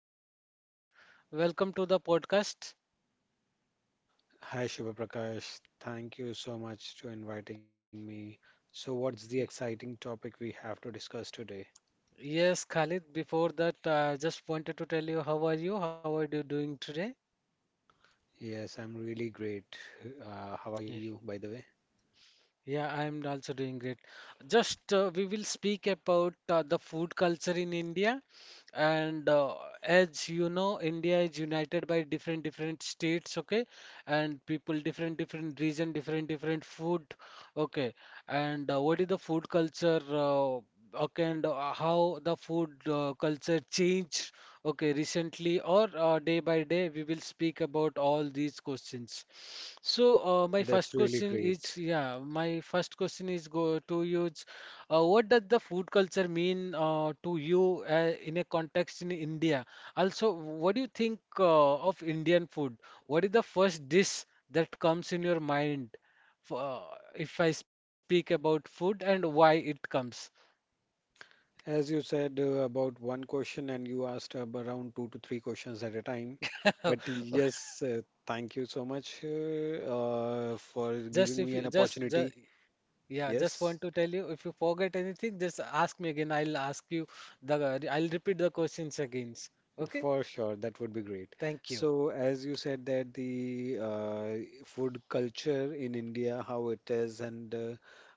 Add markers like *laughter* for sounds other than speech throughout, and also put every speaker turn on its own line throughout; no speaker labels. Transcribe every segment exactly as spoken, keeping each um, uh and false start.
Hi Khalid, welcome to the podcast.
Hi Shubha Prakash, thank you so much to inviting me. So what's the exciting topic we have to discuss today?
Yes, Khalid, before that, uh, just wanted to tell you how are you? How are you doing today?
Yes, I'm really great. Uh, how are you, by the way?
Yeah, I'm also doing great. Just uh, we will speak about uh, the food culture in India, and uh, as you know, India is united by different different states, okay, and people different different region, different different food, okay, and uh, what is the food culture, uh, okay, and uh, how the food uh, culture change. Okay, recently or uh, day by day, we will speak about all these questions. So, uh, my
That's
first
really
question
great.
is, yeah, my first question is go to you. Is, Uh, what does the food culture mean uh, to you uh, in a context in India? Also, what do you think uh, of Indian food? What is the first dish that comes in your mind for, uh, if I speak about food and why it comes?
As you said uh, about one question, and you asked uh, around two to three questions at a time. But
*laughs*
yes, uh, thank you so much uh, uh, for
Just
giving
if
me an
you just, just
opportunity.
yeah, just
Yes.
want to tell you if you forget anything, just ask me again. I'll ask you the I'll repeat the questions again. Okay?
For sure, that would be great.
Thank you.
So, as you said that the uh, food culture in India, how it is, and uh,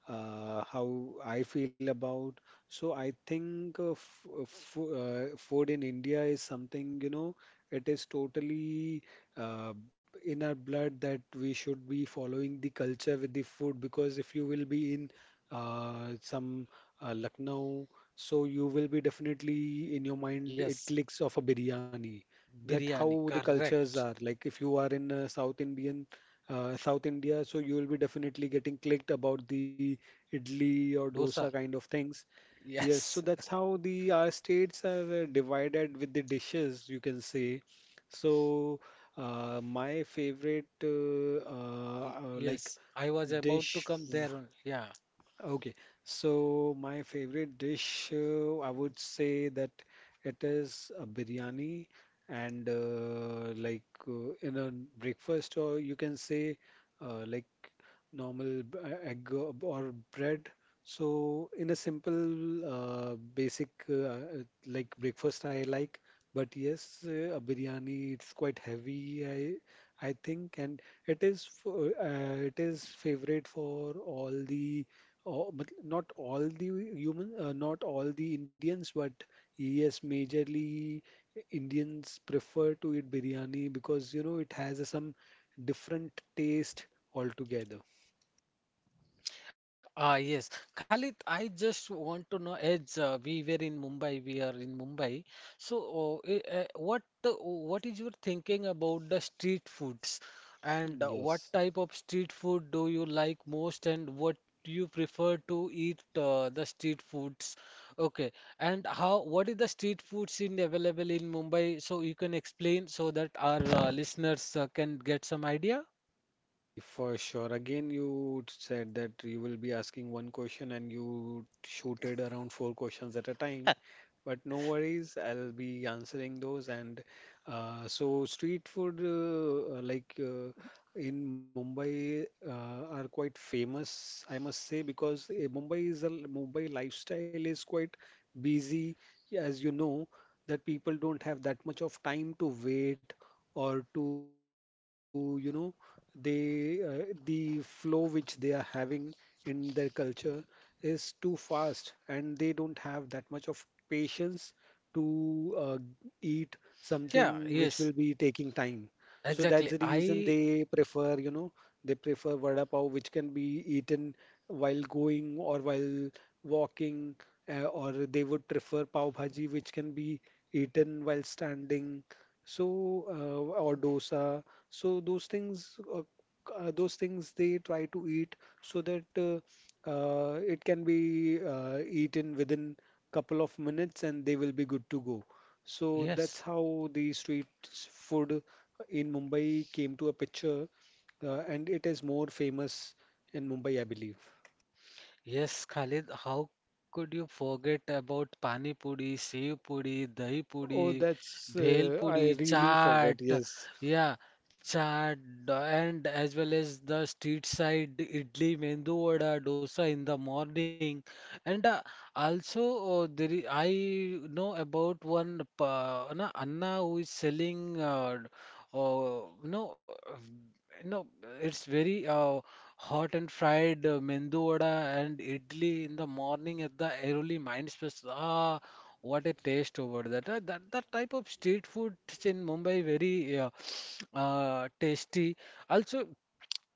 uh, how I feel about. So, I think uh, f uh, fo- uh, food in India is something, you know, it is totally uh, in our blood that we should be following the culture with the food because if you will be in uh, some uh, Lucknow, so you will be definitely in your mind it
Yes,
clicks of a biryani. That
biryani,
how the cultures
correct.
are. Like if you are in uh, South Indian, uh, South India, so you will be definitely getting clicked about the idli or
Dosa,
dosa kind of things. Yes,
yes.
so that's how the our states are uh, divided with the dishes, you can say. So uh, my favorite uh, uh,
Y-
uh, like
yes. I was about to
dish.
come there. Only. Yeah.
Okay, so my favorite dish, uh, I would say that it is a biryani and uh, like uh, in a breakfast or you can say uh, like normal b- uh, egg or or bread. So in a simple, uh, basic uh, uh, like breakfast I like, but yes, uh, a biryani, it's quite heavy I I think, and it is for, uh, uh, it is favorite for all the all, but not all the human, uh, not all the Indians, but yes, majorly uh, Indians prefer to eat biryani because you know it has a, some different taste altogether.
Ah, yes. Khalid, I just want to know as uh, we were in Mumbai, we are in Mumbai. So, uh, uh, what the, what is your thinking about the street foods and uh, what
Yes,
type of street food do you like most and what do you prefer to eat uh, the street foods? Okay. And how what is the street foods in available in Mumbai? So you can explain so that our uh, listeners uh, can get some idea.
if for sure. Again, you said that you will be asking one question and you shooted around four questions at a time. But no worries, I'll be answering those. And uh, so, street food, uh, like uh, in Mumbai, uh, are quite famous, I must say, because uh, Mumbai is a Mumbai lifestyle is quite busy, as you know, that people don't have that much of time to wait or to, you know, they uh, the flow which they are having in their culture is too fast and they don't have that much of patience to uh, eat
Yeah,
something which
yes.
will be taking time. So that's
Exactly.
the reason
I
they prefer, you know, they prefer vada pav which can be eaten while going or while walking, uh, or they would prefer pav bhaji which can be eaten while standing. So, uh, or dosa. So those things, uh, uh, those things they try to eat so that uh, uh, it can be uh, eaten within couple of minutes and they will be good to go. So that's
yes.
how the street s- food in Mumbai came to a picture, uh, and it is more famous in Mumbai, I believe.
Yes, Khalid, how could you forget about pani puri, sev puri, dahi
Oh,
puri,
that's
bhel
uh,
puri,
I really
chaat,
forgot. Yes.
yeah, chaat, and as well as the street side idli, mendu vada, dosa in the morning, and uh, also uh, there is, I know about one pa, na, Anna who is selling, uh, uh, you know, uh, you know, it's very uh, hot and fried uh, mendu vada and idli in the morning at the Airoli Mind Space. Ah, what a taste over that. Uh, that that type of street food is in Mumbai very uh, *sniffs* uh, tasty. Also,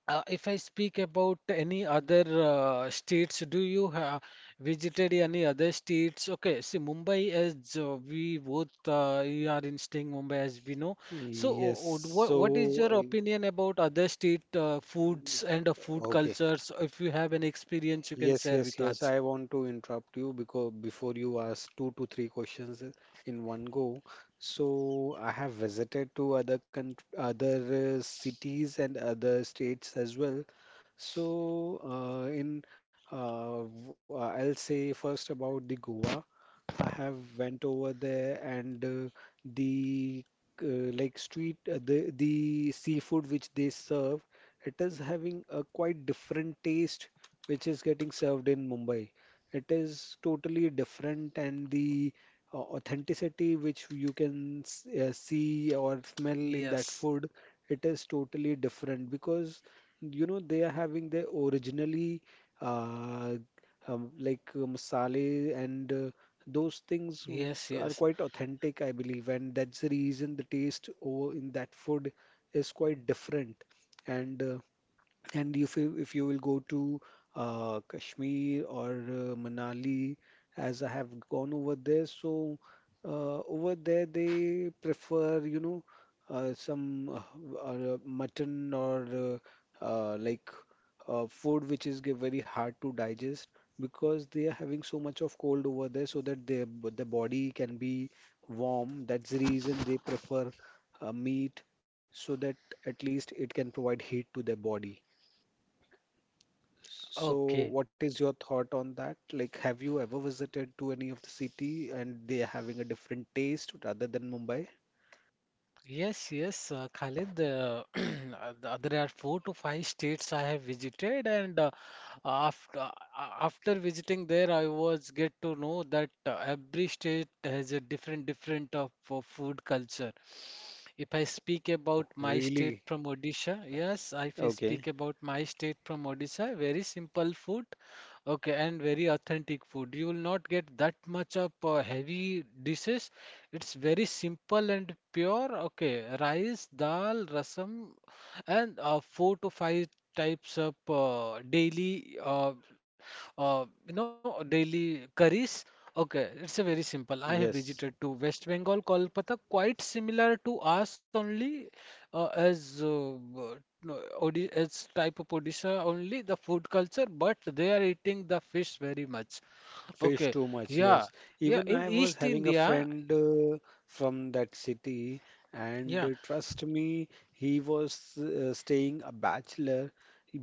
uh, if I speak about any other uh, states, do you have visited any other states? Okay, see Mumbai as uh, we both uh, you are in staying Mumbai as we know. So,
Yes.
uh, what what is
So,
your opinion about other state uh, foods and uh, food
uh, okay.
cultures? If you have any experience, you can
Yes,
share
yes,
with
yes.
us.
I want to interrupt you because before you ask two to three questions in one go. So I have visited to other country, other uh, cities and other states as well. So uh, in uh, w- uh, I'll say first about the Goa. I have went over there and uh, the uh, like street uh, the the seafood which they serve, it is having a quite different taste which is getting served in Mumbai. It is totally different, and the uh, authenticity which you can s- uh, see or smell in that
Yes,
food, it is totally different because you know they are having their originally uh, um, like uh, masale and uh, those things w-
yes,
are
yes.
quite authentic, I believe, and that's the reason the taste over in that food is quite different. And uh, and if you, if you will go to uh, Kashmir or uh, Manali, as I have gone over there, so uh, over there they prefer, you know, uh, some uh, uh, mutton or uh, uh, like uh, food which is ge- very hard to digest because they are having so much of cold over there, so that their b- the body can be warm. That's the reason they prefer uh, meat so that at least it can provide heat to their body. So,
Okay.
what is your thought on that? Like, have you ever visited to any of the city and they are having a different taste rather than Mumbai?
Yes, yes, uh, Khalid. Uh, *clears throat* uh, th- there are four to five states I have visited, and uh, after uh, after visiting there, I was get to know that uh, every state has a different different of uh, food culture. If I speak
Oh,
about my state
really?
from Odisha, yes, if I
Okay.
speak about my state from Odisha, very simple food, okay, and very authentic food. You will not get that much of uh, heavy dishes. It's very simple and pure, okay. Rice, dal, rasam, and uh, four to five types of uh, daily, uh, uh, you know, daily curries. Okay, it's a very simple. I have
Yes.
visited to West Bengal, Kolkata, quite similar to us only uh, as uh, uh, no, Odi as type of Odisha only the food culture, but they are eating the fish very much.
Fish
Okay,
too much,
yeah,
yes.
yeah.
Even
In
I was
East
having a
India,
friend uh, from that city, and
yeah.
uh, trust me, he was uh, staying a bachelor.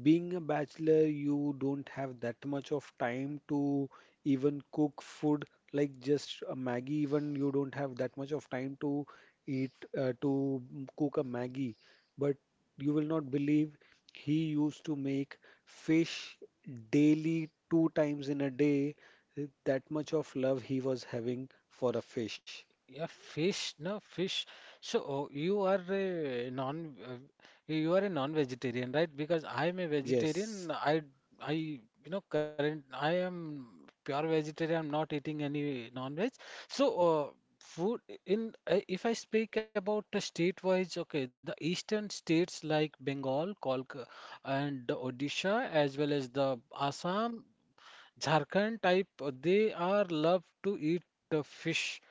Being a bachelor, you don't have that much of time to even cook food, like just a Maggie, even you don't have that much of time to eat, uh, to mm, cook a Maggie. But you will not believe he used to make fish daily, two times in a day, that much of love he was having for a fish.
Yeah, fish, no fish. So oh, you are a non, uh, you are a non-vegetarian, right? Because I'm a
Yes.
vegetarian. I, I, you know, current. I am pure vegetarian. I'm not eating any non-veg. So uh, food in. Uh, if I speak about the state-wise, okay, the eastern states like Bengal, Kolkata, and Odisha, as well as the Assam, Jharkhand type, uh, they are love to eat the fish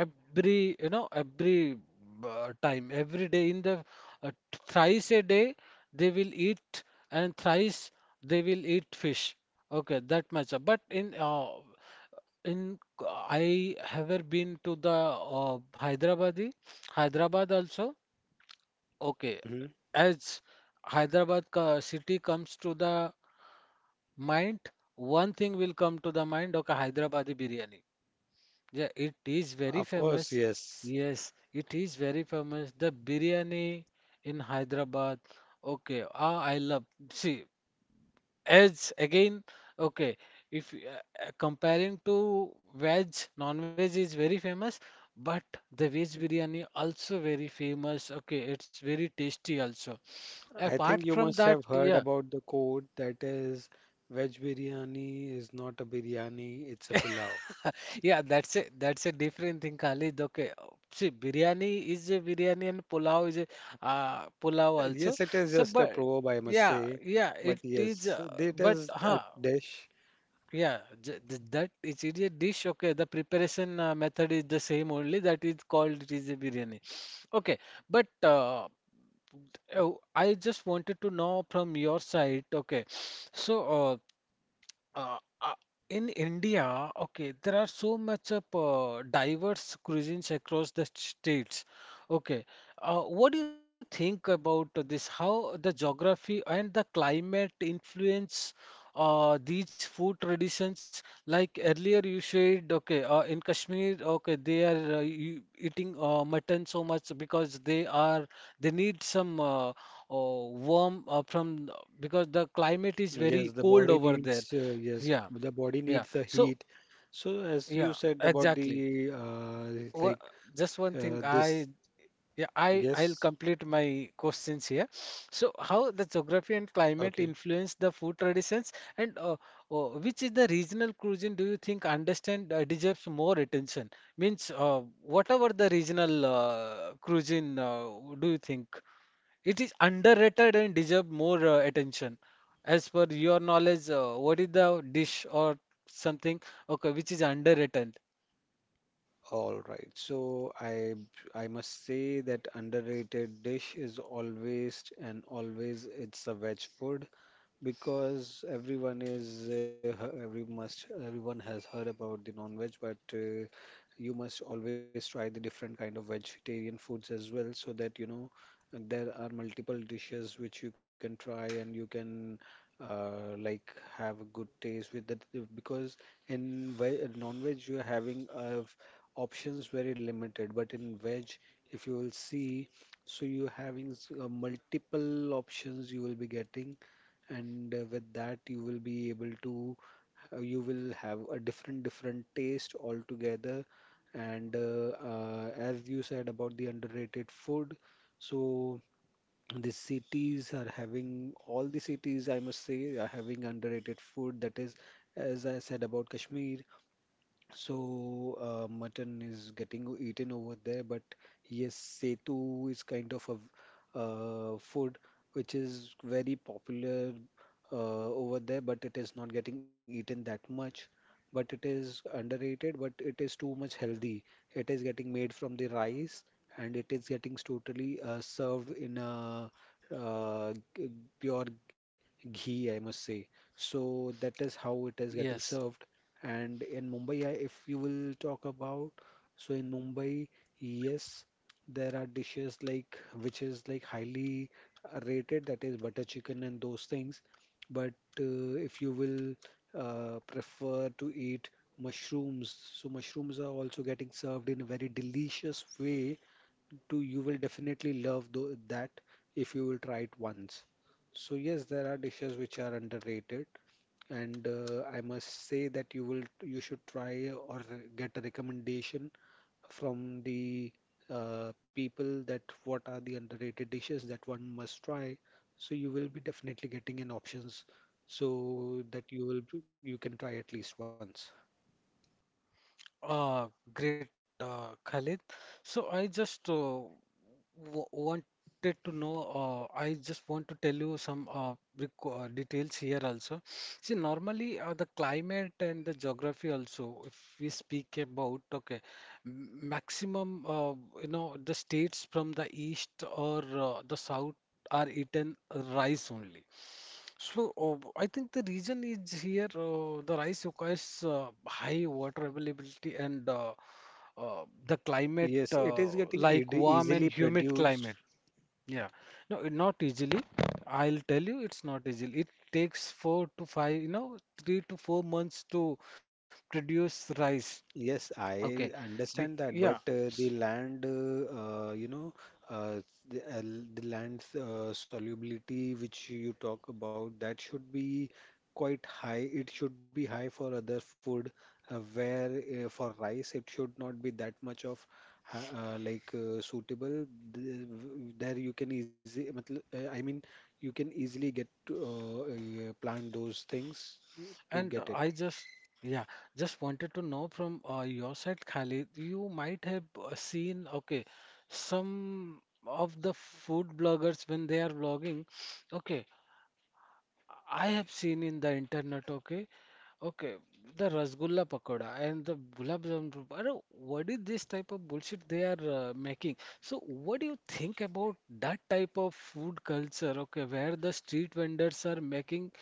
every you know every uh, time every day in the uh, thrice a day they will eat and thrice they will eat fish okay that much but in uh, in I ever been to the uh, Hyderabadi Hyderabad also okay
Hmm.
as Hyderabad co- city comes to the mind one thing will come to the mind okay Hyderabadi biryani, yeah, it is very
Of course,
famous.
yes.
Yes, it is very famous. The biryani in Hyderabad. Okay, ah, I love. See, as again, okay, if y- uh, comparing to veg, non-veg is very famous, but the veg biryani also very famous. Okay, it's very tasty also.
I
Apart
think you
from
must
that,
have heard
yeah,
about the quote that is, veg biryani is not a biryani, it's a pulao.
yeah, that's a that's a different thing, Khalid. Okay, see, biryani is a biryani and pulao is a uh, pulao
Uh, Yes,
also.
it is
So,
just a
but
proverb, I must
yeah,
say.
yeah,
But
it is.
yes,
Uh,
it
but
is a
huh,
dish.
yeah, j th- that it is a dish. Okay, the preparation uh, method is the same only. That is called it is a biryani. Okay, but uh, oh, I just wanted to know from your side. Okay, so. Uh, uh, uh, in India, okay, there are so much of uh, diverse cuisines across the states. Okay, uh, what do you think about this? How the geography and the climate influence uh, these food traditions? Like earlier you said, okay, uh, in Kashmir, okay, they are uh, e- eating uh, mutton so much because they are they need some uh, uh, warm uh, from because the climate is
Yes,
very
the
cold
body
over there.
needs, uh, yes,
Yeah,
the body
yeah.
needs the
So,
heat. So, as you
yeah,
said about
exactly.
the, uh,
Wha-
like,
just one thing,
uh, this,
I yeah, I I'll
yes,
complete my questions here. So, how the geography and climate
okay.
influence the food traditions, and uh, uh, which is the regional cuisine do you think understand uh, deserves more attention? Means, uh, whatever the regional uh, cuisine, uh, do you think? It is underrated and deserve more uh, attention. As per your knowledge, uh, what is the dish or something? Okay, which is underrated?
All right. So I I must say that underrated dish is always and always it's a veg food because everyone is uh, he- every must everyone has heard about the non-veg, but uh, you must always try the different kind of vegetarian foods as well, so that you know there are multiple dishes which you can try and you can uh, like have a good taste with that because in ve- uh, non-veg you are having uh, options very limited, but in veg if you will see. So you having s- uh, multiple options you will be getting and uh, with that you will be able to uh, you will have a different different taste altogether, and uh, uh, as you said about the underrated food, so the cities are having, all the cities I must say are having underrated food, that is, as I said about Kashmir, so, uh, mutton is getting eaten over there, but yes, setu is kind of a uh, food which is very popular uh, over there, but it is not getting eaten that much. But it is underrated, but it is too much healthy. It is getting made from the rice and it is getting totally uh, served in a uh, g- pure ghee, I must say. So, that is how it is getting
Yes.
served, and in Mumbai, I- if you will talk about, so in Mumbai, yes, there are dishes like which is like highly uh, rated, that is butter chicken and those things. But uh, if you will uh, prefer to eat mushrooms, so mushrooms are also getting served in a very delicious way. To you will definitely love tho- that if you will try it once. So yes, there are dishes which are underrated, and uh, I must say that you will you should try or re- get a recommendation from the uh, people that what are the underrated dishes that one must try. So you will be definitely getting an options so that you will you can try at least once.
Uh, great, uh, Khalid. So I just uh, w wanted to know. Uh, I just want to tell you some uh, requ- uh, details here also. See, normally uh, the climate and the geography also. If we speak about okay, m- maximum uh, you know the states from the east or uh, the south are eaten rice only. So, uh, I think the reason is here uh, the rice requires uh, high water availability and uh, uh, the climate
Yes, it is
uh,
getting ead-
like warm
easily
and humid
produced.
climate. Yeah, no, it not easily. I'll tell you, it's not easily. It takes four to five, you know, three to four months to produce rice.
Yes,
Okay,
I
Bec
understand
yeah.
that, but uh, the land, uh, uh, you know, uh, the, uh, l- the land's uh, solubility, which you talk about, that should be quite high. It should be high for other food, uh, where uh, for rice, it should not be that much of ha- uh, like uh, suitable. The- w- There you can easy, matl- uh, I mean, you can easily get to, uh, uh, plant those things to
And
get
I
it.
just, yeah, just wanted to know from uh, your side, Khalid, you might have uh, seen, okay, some of the food bloggers when they are vlogging, okay, I have seen in the internet, okay, okay, the rasgulla pakoda and the gulab jamun. Pakoda. Is this type of bullshit they are uh, making? So, what do you think about that type of food culture, okay, where the street vendors are making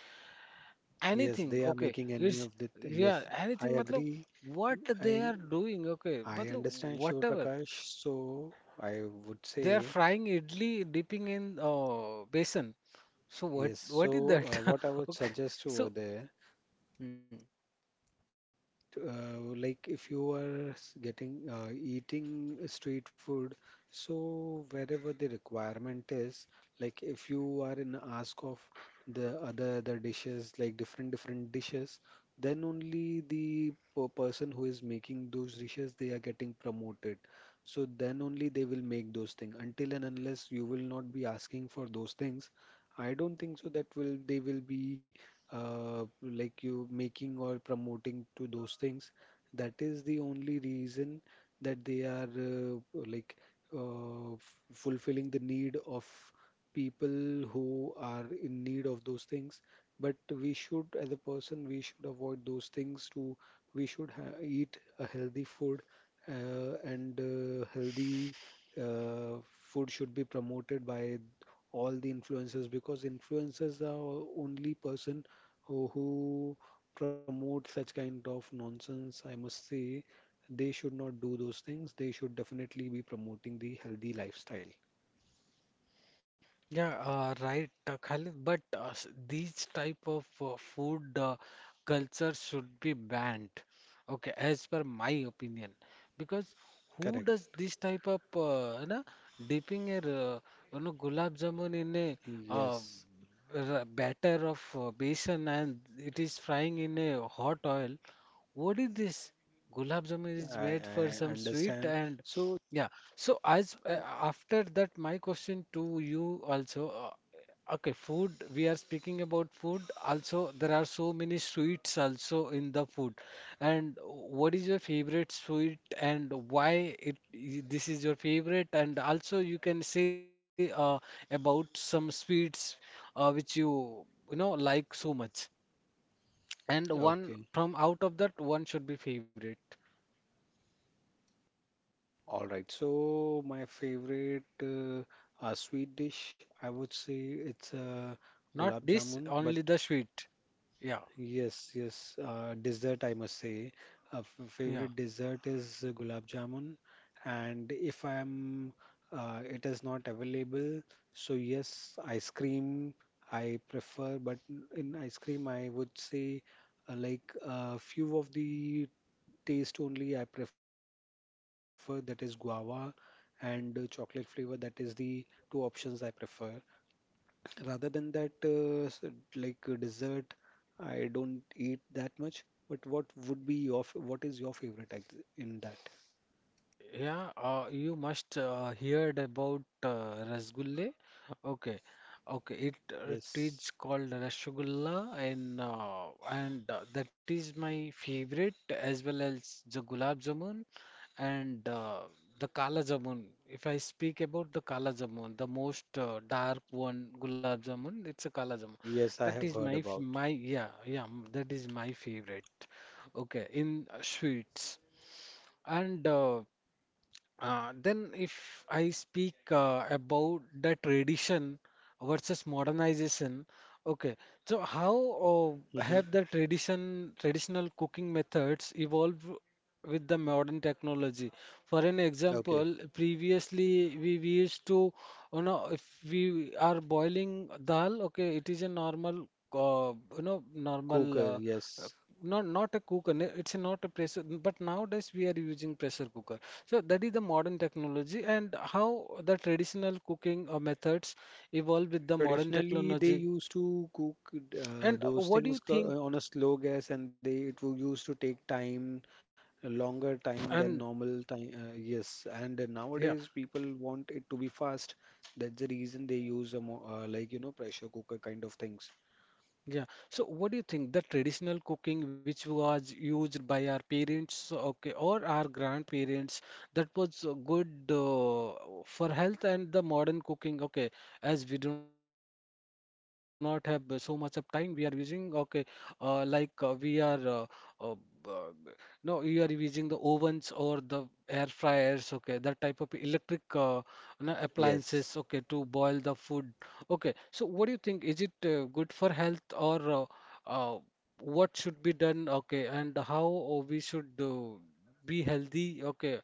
Yes,
anything
they are
okay
making any
it's
of the. Yes,
yeah
I
anything matlab
agree.
what they
I
are doing okay
I
matlab
understand Shiv
whatever
Prakash. So I would
they are
say
frying idli dipping in uh, besan so what
yes. So
what is that
uh, what I
*laughs*
would
okay
suggest over
so
there,
hmm.
that uh, like if you are s- getting uh, eating street food, so wherever the requirement is, like if you are in ask of the other other dishes, like different different dishes, then only the per person who is making those dishes they are getting promoted. So then only they will make those things. Until and unless you will not be asking for those things, I don't think so that will they will be uh, like you making or promoting to those things. That is the only reason that they are uh, like uh, f- fulfilling the need of people who are in need of those things. But we should, as a person, we should avoid those things to, we should ha eat a healthy food uh, and uh, healthy uh, food should be promoted by all the influencers because influencers are only person who who promote such kind of nonsense, I must say they should not do those things. They should definitely be promoting the healthy lifestyle.
Yeah, uh, right, uh, Khalid. But uh, s- these type of uh, food uh, culture should be banned. Okay, as per my opinion, because who
Correct.
does this type of, uh, you know, dipping a, uh, you know, gulab jamun in a uh,
Yes,
r- batter of uh, besan and it is frying in a hot oil. What is this? Gulab jamun is
I,
made for some
I
sweet
understand.
and
So,
yeah. So as uh,
uh,
after that, my question to you also. Uh, okay, food. We are speaking about food. Also, there are so many sweets also in the food. And what is your favorite sweet and why it i- this is your favorite? And also, you can say uh, about some sweets uh, which you you know like so much. And one
okay.
from out of that, one should be favorite.
All right. So, my favorite uh, uh, sweet dish, I would say it's uh,
Not
gulab
this,
jamun, but
only the sweet. Yeah.
yes, yes. Uh, dessert, I must say. Uh, f
Yeah.
Favorite dessert is uh, gulab jamun, and if I am, uh, it is not available. So yes, ice cream I prefer, but in ice cream I would say uh, like a few of the taste only I prefer. That is guava and uh, chocolate flavor. That is the two options I prefer. Rather than that, uh, s- like uh, dessert, I don't eat that much. But what would be your, f- what is your favorite ex- in that?
Yeah, uh, you must uh, heard about uh, rasgulle. Okay, okay. It uh, it
Yes.
is called rasgulla, and uh, and uh, that is my favorite as well as the gulab jamun and uh, the kala jamun. If I speak about the kala jamun, the most uh, dark one gulab jamun, it's a kala jamun.
Yes, I
That
have
is
heard
my f-
about.
my yeah yeah. m- that is my favorite. Okay, in uh, sweets and. Uh, uh, then, if I speak uh, about the tradition versus modernization, okay. So, how uh,
Hmm.
have the tradition traditional cooking methods evolved with the modern technology? For an
Okay.
example, previously we, we used to, you know, if we are boiling dal, okay, it is a normal, uh, you know, normal.
Cooker,
Uh, uh,
yes.
not not a cooker. n- It's a not a pressure, but nowadays we are using pressure cooker. So that is the modern technology and how the traditional cooking uh, methods evolve with the modern
Traditionally, they
technology.
used to cook uh,
And
those
what do you
things
think?
co- on a slow gas, and they it wo- used to take time, a longer time than
And
normal time. Uh, yes, and
yeah.
nowadays people want it to be fast. That's the reason they use a mo uh, like you know pressure cooker kind of things.
Yeah. So, what do you think? The traditional cooking which was used by our parents, okay, or our grandparents, that was uh, good uh, for health, and the modern cooking, okay, as we do not have uh, so much of time, we are using, okay, uh, like uh, we are, uh, uh, uh, no, you are using the ovens or the air fryers, okay, that type of electric uh, na- appliances, okay,
Yes.
to boil the food. Okay, so what do you think? Is it uh, good for health or uh, uh, what should be done? Okay, and how uh, we should uh, be healthy? Okay,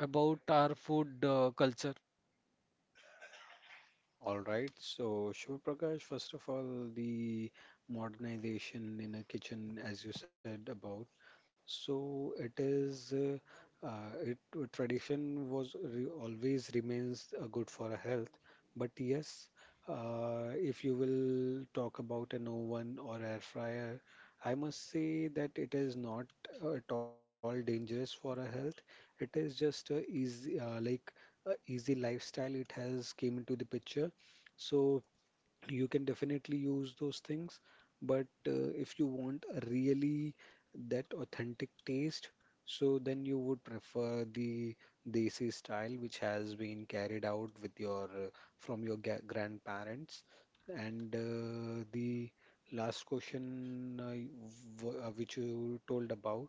about our food uh, culture.
All right. So, Shiv Prakash, first of all, the modernization in a kitchen, as you said about. So, it is, uh, uh, it tradition was re always remains uh, good for our health. But yes, uh, if you will talk about an oven or air fryer, I must say that it is not uh, at all dangerous for our health. It is just a easy, uh, like a easy lifestyle. It has came into the picture, so you can definitely use those things, but uh, if you want a really that authentic taste, so then you would prefer the desi style, which has been carried out with your uh, from your ga grandparents. And uh, the last question, uh, y- w- uh, which you told about.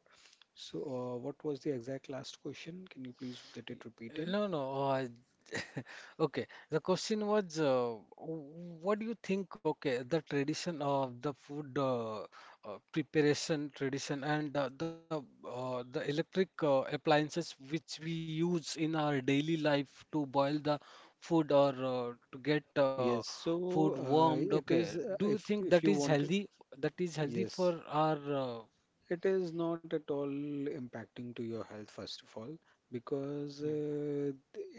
So, uh, what was the exact last question? Can you please get it repeated?
No, no. uh, *laughs* Okay, the question was, uh, w- what do you think? Okay, the tradition of the food uh, uh, preparation tradition and uh, the uh, the electric uh, appliances which we use in our daily life to boil the food or uh, to get
Yes,
uh,
so
food
uh, it
warmed.
is
Okay,
uh,
do you
if if
think
you
that is
want.
healthy? That is healthy
Yes,
for our uh,
it is not at all impacting to your health, first of all, because
mm,
uh,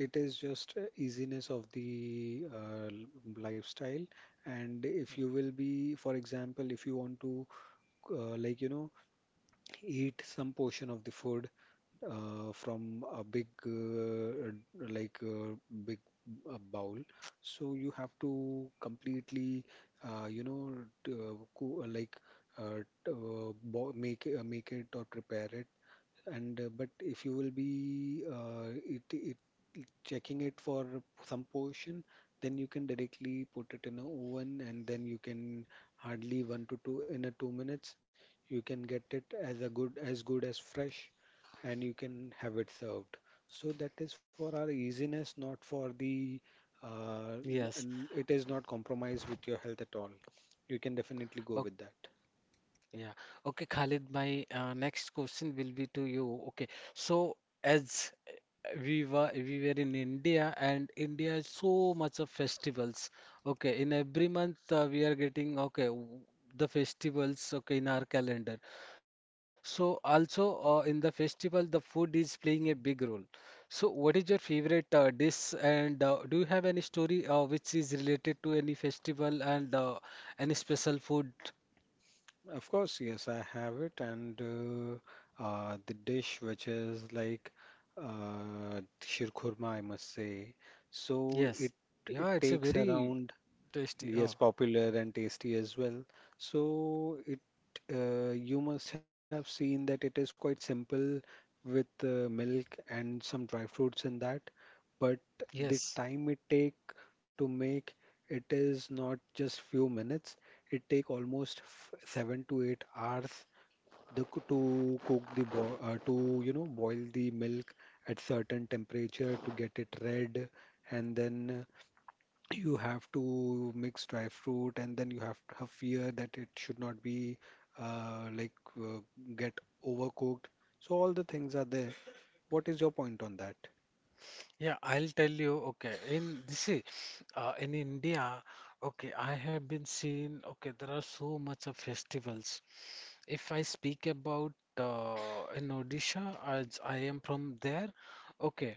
it is just uh, easiness of the uh, lifestyle. And if you will be, for example, if you want to, uh, like, you know, eat some portion of the food uh, from a big uh, like uh, big uh, bowl, so you have to completely uh, you know t- uh, coo- uh, like uh, t- uh, bo- make it- uh, make it or prepare it, and uh, but if you will be uh, it, it it- checking it for some portion, then you can directly put it in a oven, and then you can hardly one to two in a two minutes you can get it as a good as good as fresh, and you can have it served. So that is for our easiness, not for the uh, n-
yes.
n- it is not compromised with your health at all. You can definitely go with that.
Yeah. Okay, Khalid, my uh, next question will be to you. Okay. So as uh, we were we were in India and India is so much of festivals. Okay, in every month uh, we are getting okay w- the festivals okay in our calendar. So also uh, in the festival the food is playing a big role. So what is your favorite uh, dish and uh, do you have any story uh, which is related to any festival and uh, any special food?
Of course, yes, I have it, and uh, uh, the dish which is like uh, shirkurma, I must say. So it
Yes.
it
Yeah, it's
takes
a
around.
very
Yes,
tasty. Oh,
popular and tasty as well. So it uh, you must have seen that it is quite simple with uh, milk and some dry fruits in that, but the
yes.
time it take to make it is not just few minutes. It take almost f- seven to eight hours, the co- to cook the bo uh, to you know boil the milk at certain temperature to get it red, and then you have to mix dry fruit, and then you have to have fear that it should not be uh, like uh, get overcooked. So all the things are there. What is your point on that?
Yeah, I'll tell you. Okay, in this, see, uh, in India, okay, I have been seeing. Okay, there are so much of festivals. If I speak about uh, in Odisha, as I am from there, okay,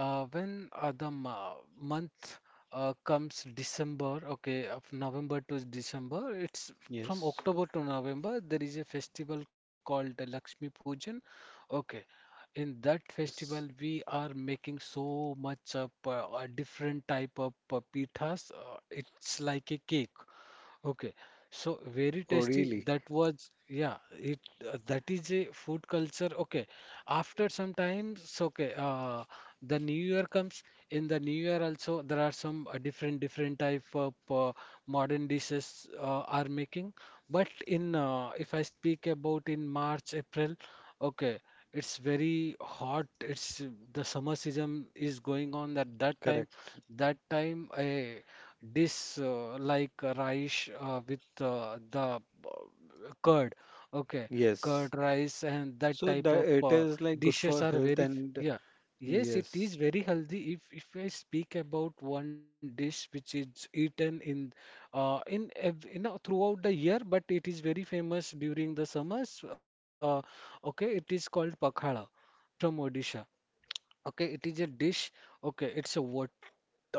Uh, when uh, the ma- month uh, comes December, okay, of November to December, it's from
Yes.
October to November, there is a festival called the Lakshmi Pujan. Okay, in that festival,
Yes.
we are making so much of uh, a different type of uh, pithas. Uh, it's like a cake. Okay, so very
Oh,
tasty.
really?
That was, yeah, it uh, that is a food culture. Okay, after some times, so, okay, uh, the new year comes. In the new year also, there are some uh, different different type of uh, modern dishes uh, are making. But in uh, if I speak about in March, April, okay, it's very hot. It's the summer season is going on at that time.
Correct.
That time, uh, dish uh, like uh, rice uh, with uh, the uh, curd. Okay,
Yes.
curd rice and that
So
type
that
of
it
uh,
is like good
dishes
for
are
health
very f-
and
yeah. Yes, it
yes.
is very healthy. If if I speak about one dish which is eaten in uh, in ev you know throughout the year, but it is very famous during the summers. Uh, okay, it is called pakhala from Odisha. Okay, it is a dish. Okay, it's a what?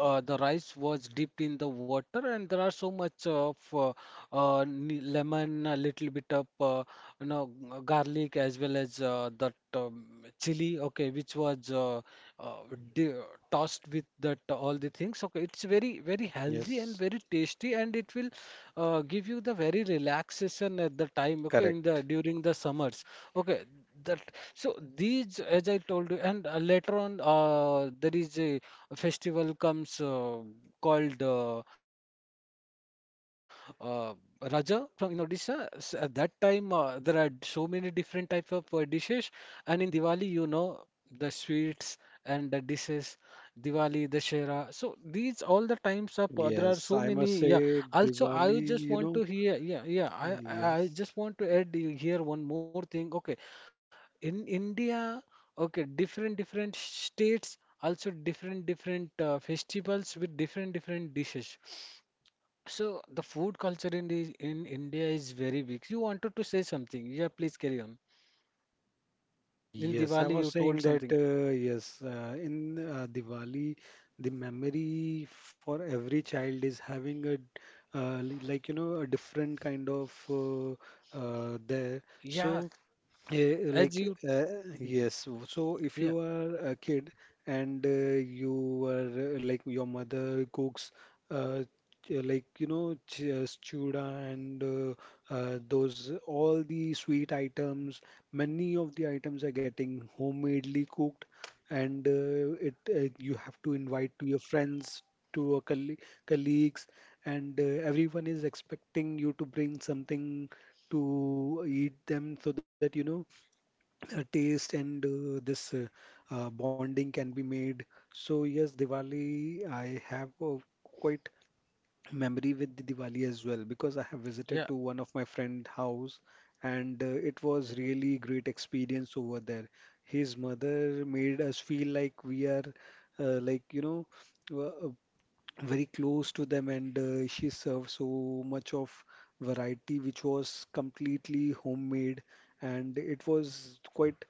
Uh, the rice was dipped in the water, and there are so much of uh, uh, ne- lemon, a little bit of uh, you know g- uh, garlic, as well as uh, that um, chili. Okay, which was uh, uh, di tossed with that all the things. Okay, it's very very healthy and
Yes,
very tasty, and it will uh, give you the very relaxation at the time. Okay, in the
correct.
during the summers. Okay, that, so these as I told you and uh, later on uh, there is a festival comes uh, called uh, uh, Raja from in Odisha S- at that time uh, there are so many different type of uh, dishes and in Diwali, you know, the sweets and the dishes, Diwali, Dashera, so these all the times of uh, there are
Yes,
so
I must
many, yeah,
say
also I
Diwali,
just
you
want
know,
to hear. Yeah, yeah, I I I
yes.
just want to add you here one more thing. Okay, in India, okay, different different states also different different uh, festivals with different different dishes. So the food culture in the, in India is very big. You wanted to say something? Yeah, please carry on. In
Yes, I
Diwali,
was
you
saying
told
that
something.
uh, yes, uh, in uh, Diwali, the memory for every child is having a uh, li- like you know a different kind of uh, uh, there. So
Yeah,
Eh, like
as you,
uh,
*laughs* Mhm.
yes w- so if you
yeah,
are a kid and uh, you are uh, like your mother cooks uh, ch- like you know ch uh, chura and uh, uh, those all the sweet items, many of the items are getting homemadely cooked, and uh, it uh, you have to invite to your friends, to your colle colleagues, and uh, everyone is expecting you to bring something to eat them so that you know uh, taste and uh, this uh, uh, bonding can be made. So yes, Diwali, I have a quite memory with the Diwali as well, because I have visited to one of my friend house, and uh, it was really great experience over there. His mother made us feel like we are uh, like you know uh, very close to them, and uh, she served so much of variety which was completely homemade, and it was quite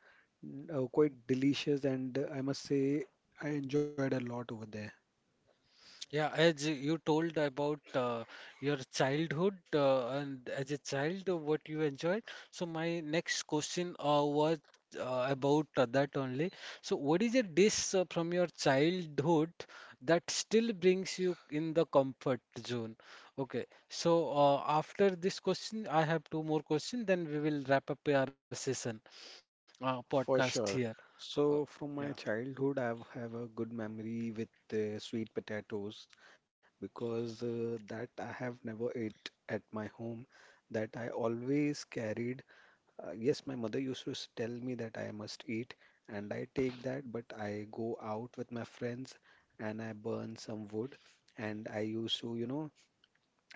mm, uh, quite delicious, and uh, I must say I enjoyed a lot over there.
Yeah, as you told about uh, your childhood uh, and as a child, uh, what you enjoyed. So my next question uh, was uh, about uh, that only. So what is a dish uh, from your childhood that still brings you in the comfort zone? Okay. So uh, after this question, I have two more questions. Then we will wrap up our session uh, podcast
For
here.
sure.
Uh,
So
yeah.
from my childhood, I have a good memory with uh, sweet potatoes, because uh, that I have never ate at my home. That I always carried. Uh, yes, my mother used to s- tell me that I must eat, and I take that, but I go out with my friends and I burn some wood. And I used to, you know,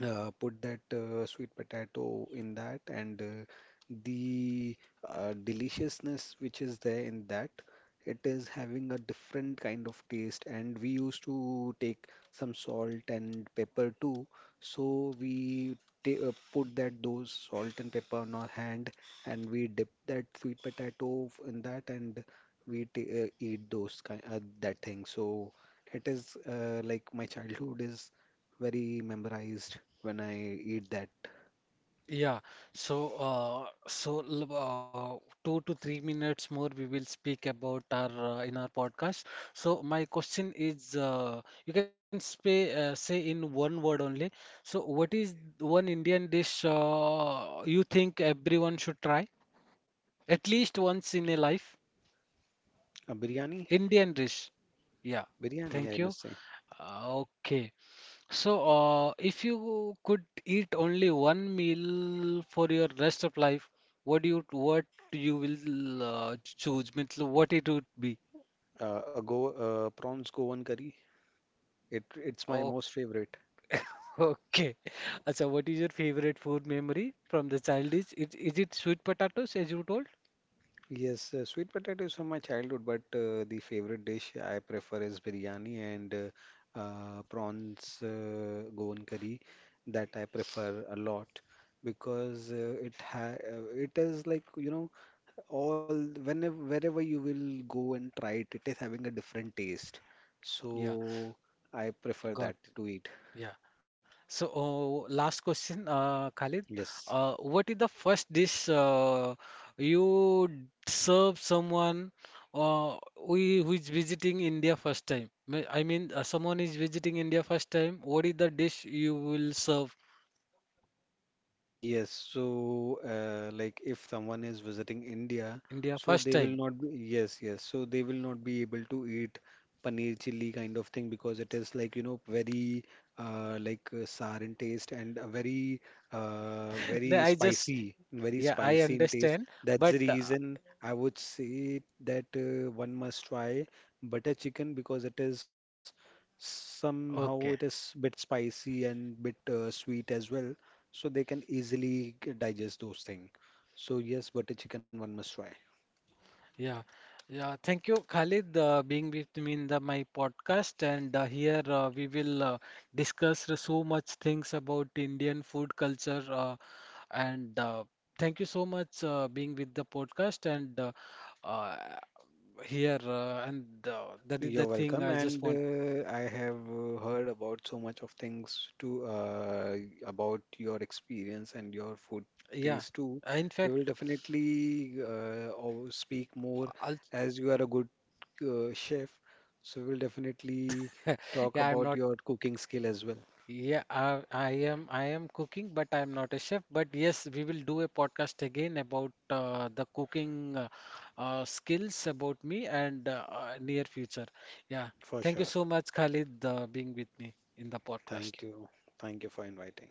uh, put that uh, sweet potato in that, and uh, the uh, deliciousness which is there in that, it is having a different kind of taste, and we used to take some salt and pepper too, so we ta- uh, put that those salt and pepper on our hand, and we dip that sweet potato f- in that, and we ta uh, eat those kind uh, that thing, so it is uh, like my childhood is very memorized when I eat that
Yeah, so uh, so l- uh, two to three minutes more we will speak about our uh, in our podcast. So my question is, uh, you can say uh, say in one word only. So what is one Indian dish uh, you think everyone should try at least once in a life?
uh, biryani.
Indian dish. Yeah.
Biryani,
Thank
I
you.
must say.
Uh, okay. So, uh, if you could eat only one meal for your rest of life, what do you what you will uh, choose? Means what it would be?
Uh, a go uh, Prawns Goan curry. It it's my
Oh,
most favorite.
okay. *laughs* Acha, what is your favorite food memory from the childish? Is, is it sweet potatoes as you told?
Yes, uh, sweet potato is from my childhood, but uh, the favorite dish I prefer is biryani and uh, uh, prawns uh, Goan curry that I prefer a lot, because uh, it ha uh, it is like you know all whenever wherever you will go and try it, it is having a different taste.
Yeah,
So I prefer that
got.
to eat.
Yeah. So, uh, last question, uh, Khalid.
Yes.
Uh, what is the first dish uh, you d- serve someone uh, who, i- who is visiting India first time? Me- I mean, uh, someone is visiting India first time. What is the dish you will serve
Yes. So, uh, like if someone is visiting India,
India
so
first
they will
time?
not be, yes, yes. So they will not be able to eat paneer chilli kind of thing, because it is like, you know, very uh, like uh, sour in taste, and a very, uh,
*laughs* No,
very
I just,
spicy, very
yeah, I
spicy in taste.
understand.
That's
But,
the
uh,
reason I would say that uh, one must try butter chicken, because it is somehow
okay.
it is bit spicy and bit uh, sweet as well. So they can easily g- digest those things. So yes, butter chicken one must try.
Yeah, yeah. Thank you, Khalid, uh, being with me in the my podcast. And uh, here uh, we will uh, discuss the so much things about Indian food culture. Uh, and uh, thank you so much uh, being with the podcast. And uh, uh, here uh, and uh, that is
You're
the thing
welcome,
I just
and
want.
uh, I have uh, heard about so much of things to, uh, about your experience and your food
Yeah.
taste too.
I, In
We will
fact,
definitely uh, or speak more
I'll,
as you are a good uh, chef, so we'll definitely
*laughs*
talk
yeah, I'm
about
not.
your cooking skill as well,
Yeah, I, I am I am cooking, but I am not a chef. But yes, we will do a podcast again about uh, the cooking uh, uh, skills about me and uh, uh, near future. Yeah,
for
thank you
sure.
so much, Khalid, uh, being with me in the
Thank
podcast.
you. Thank you for inviting.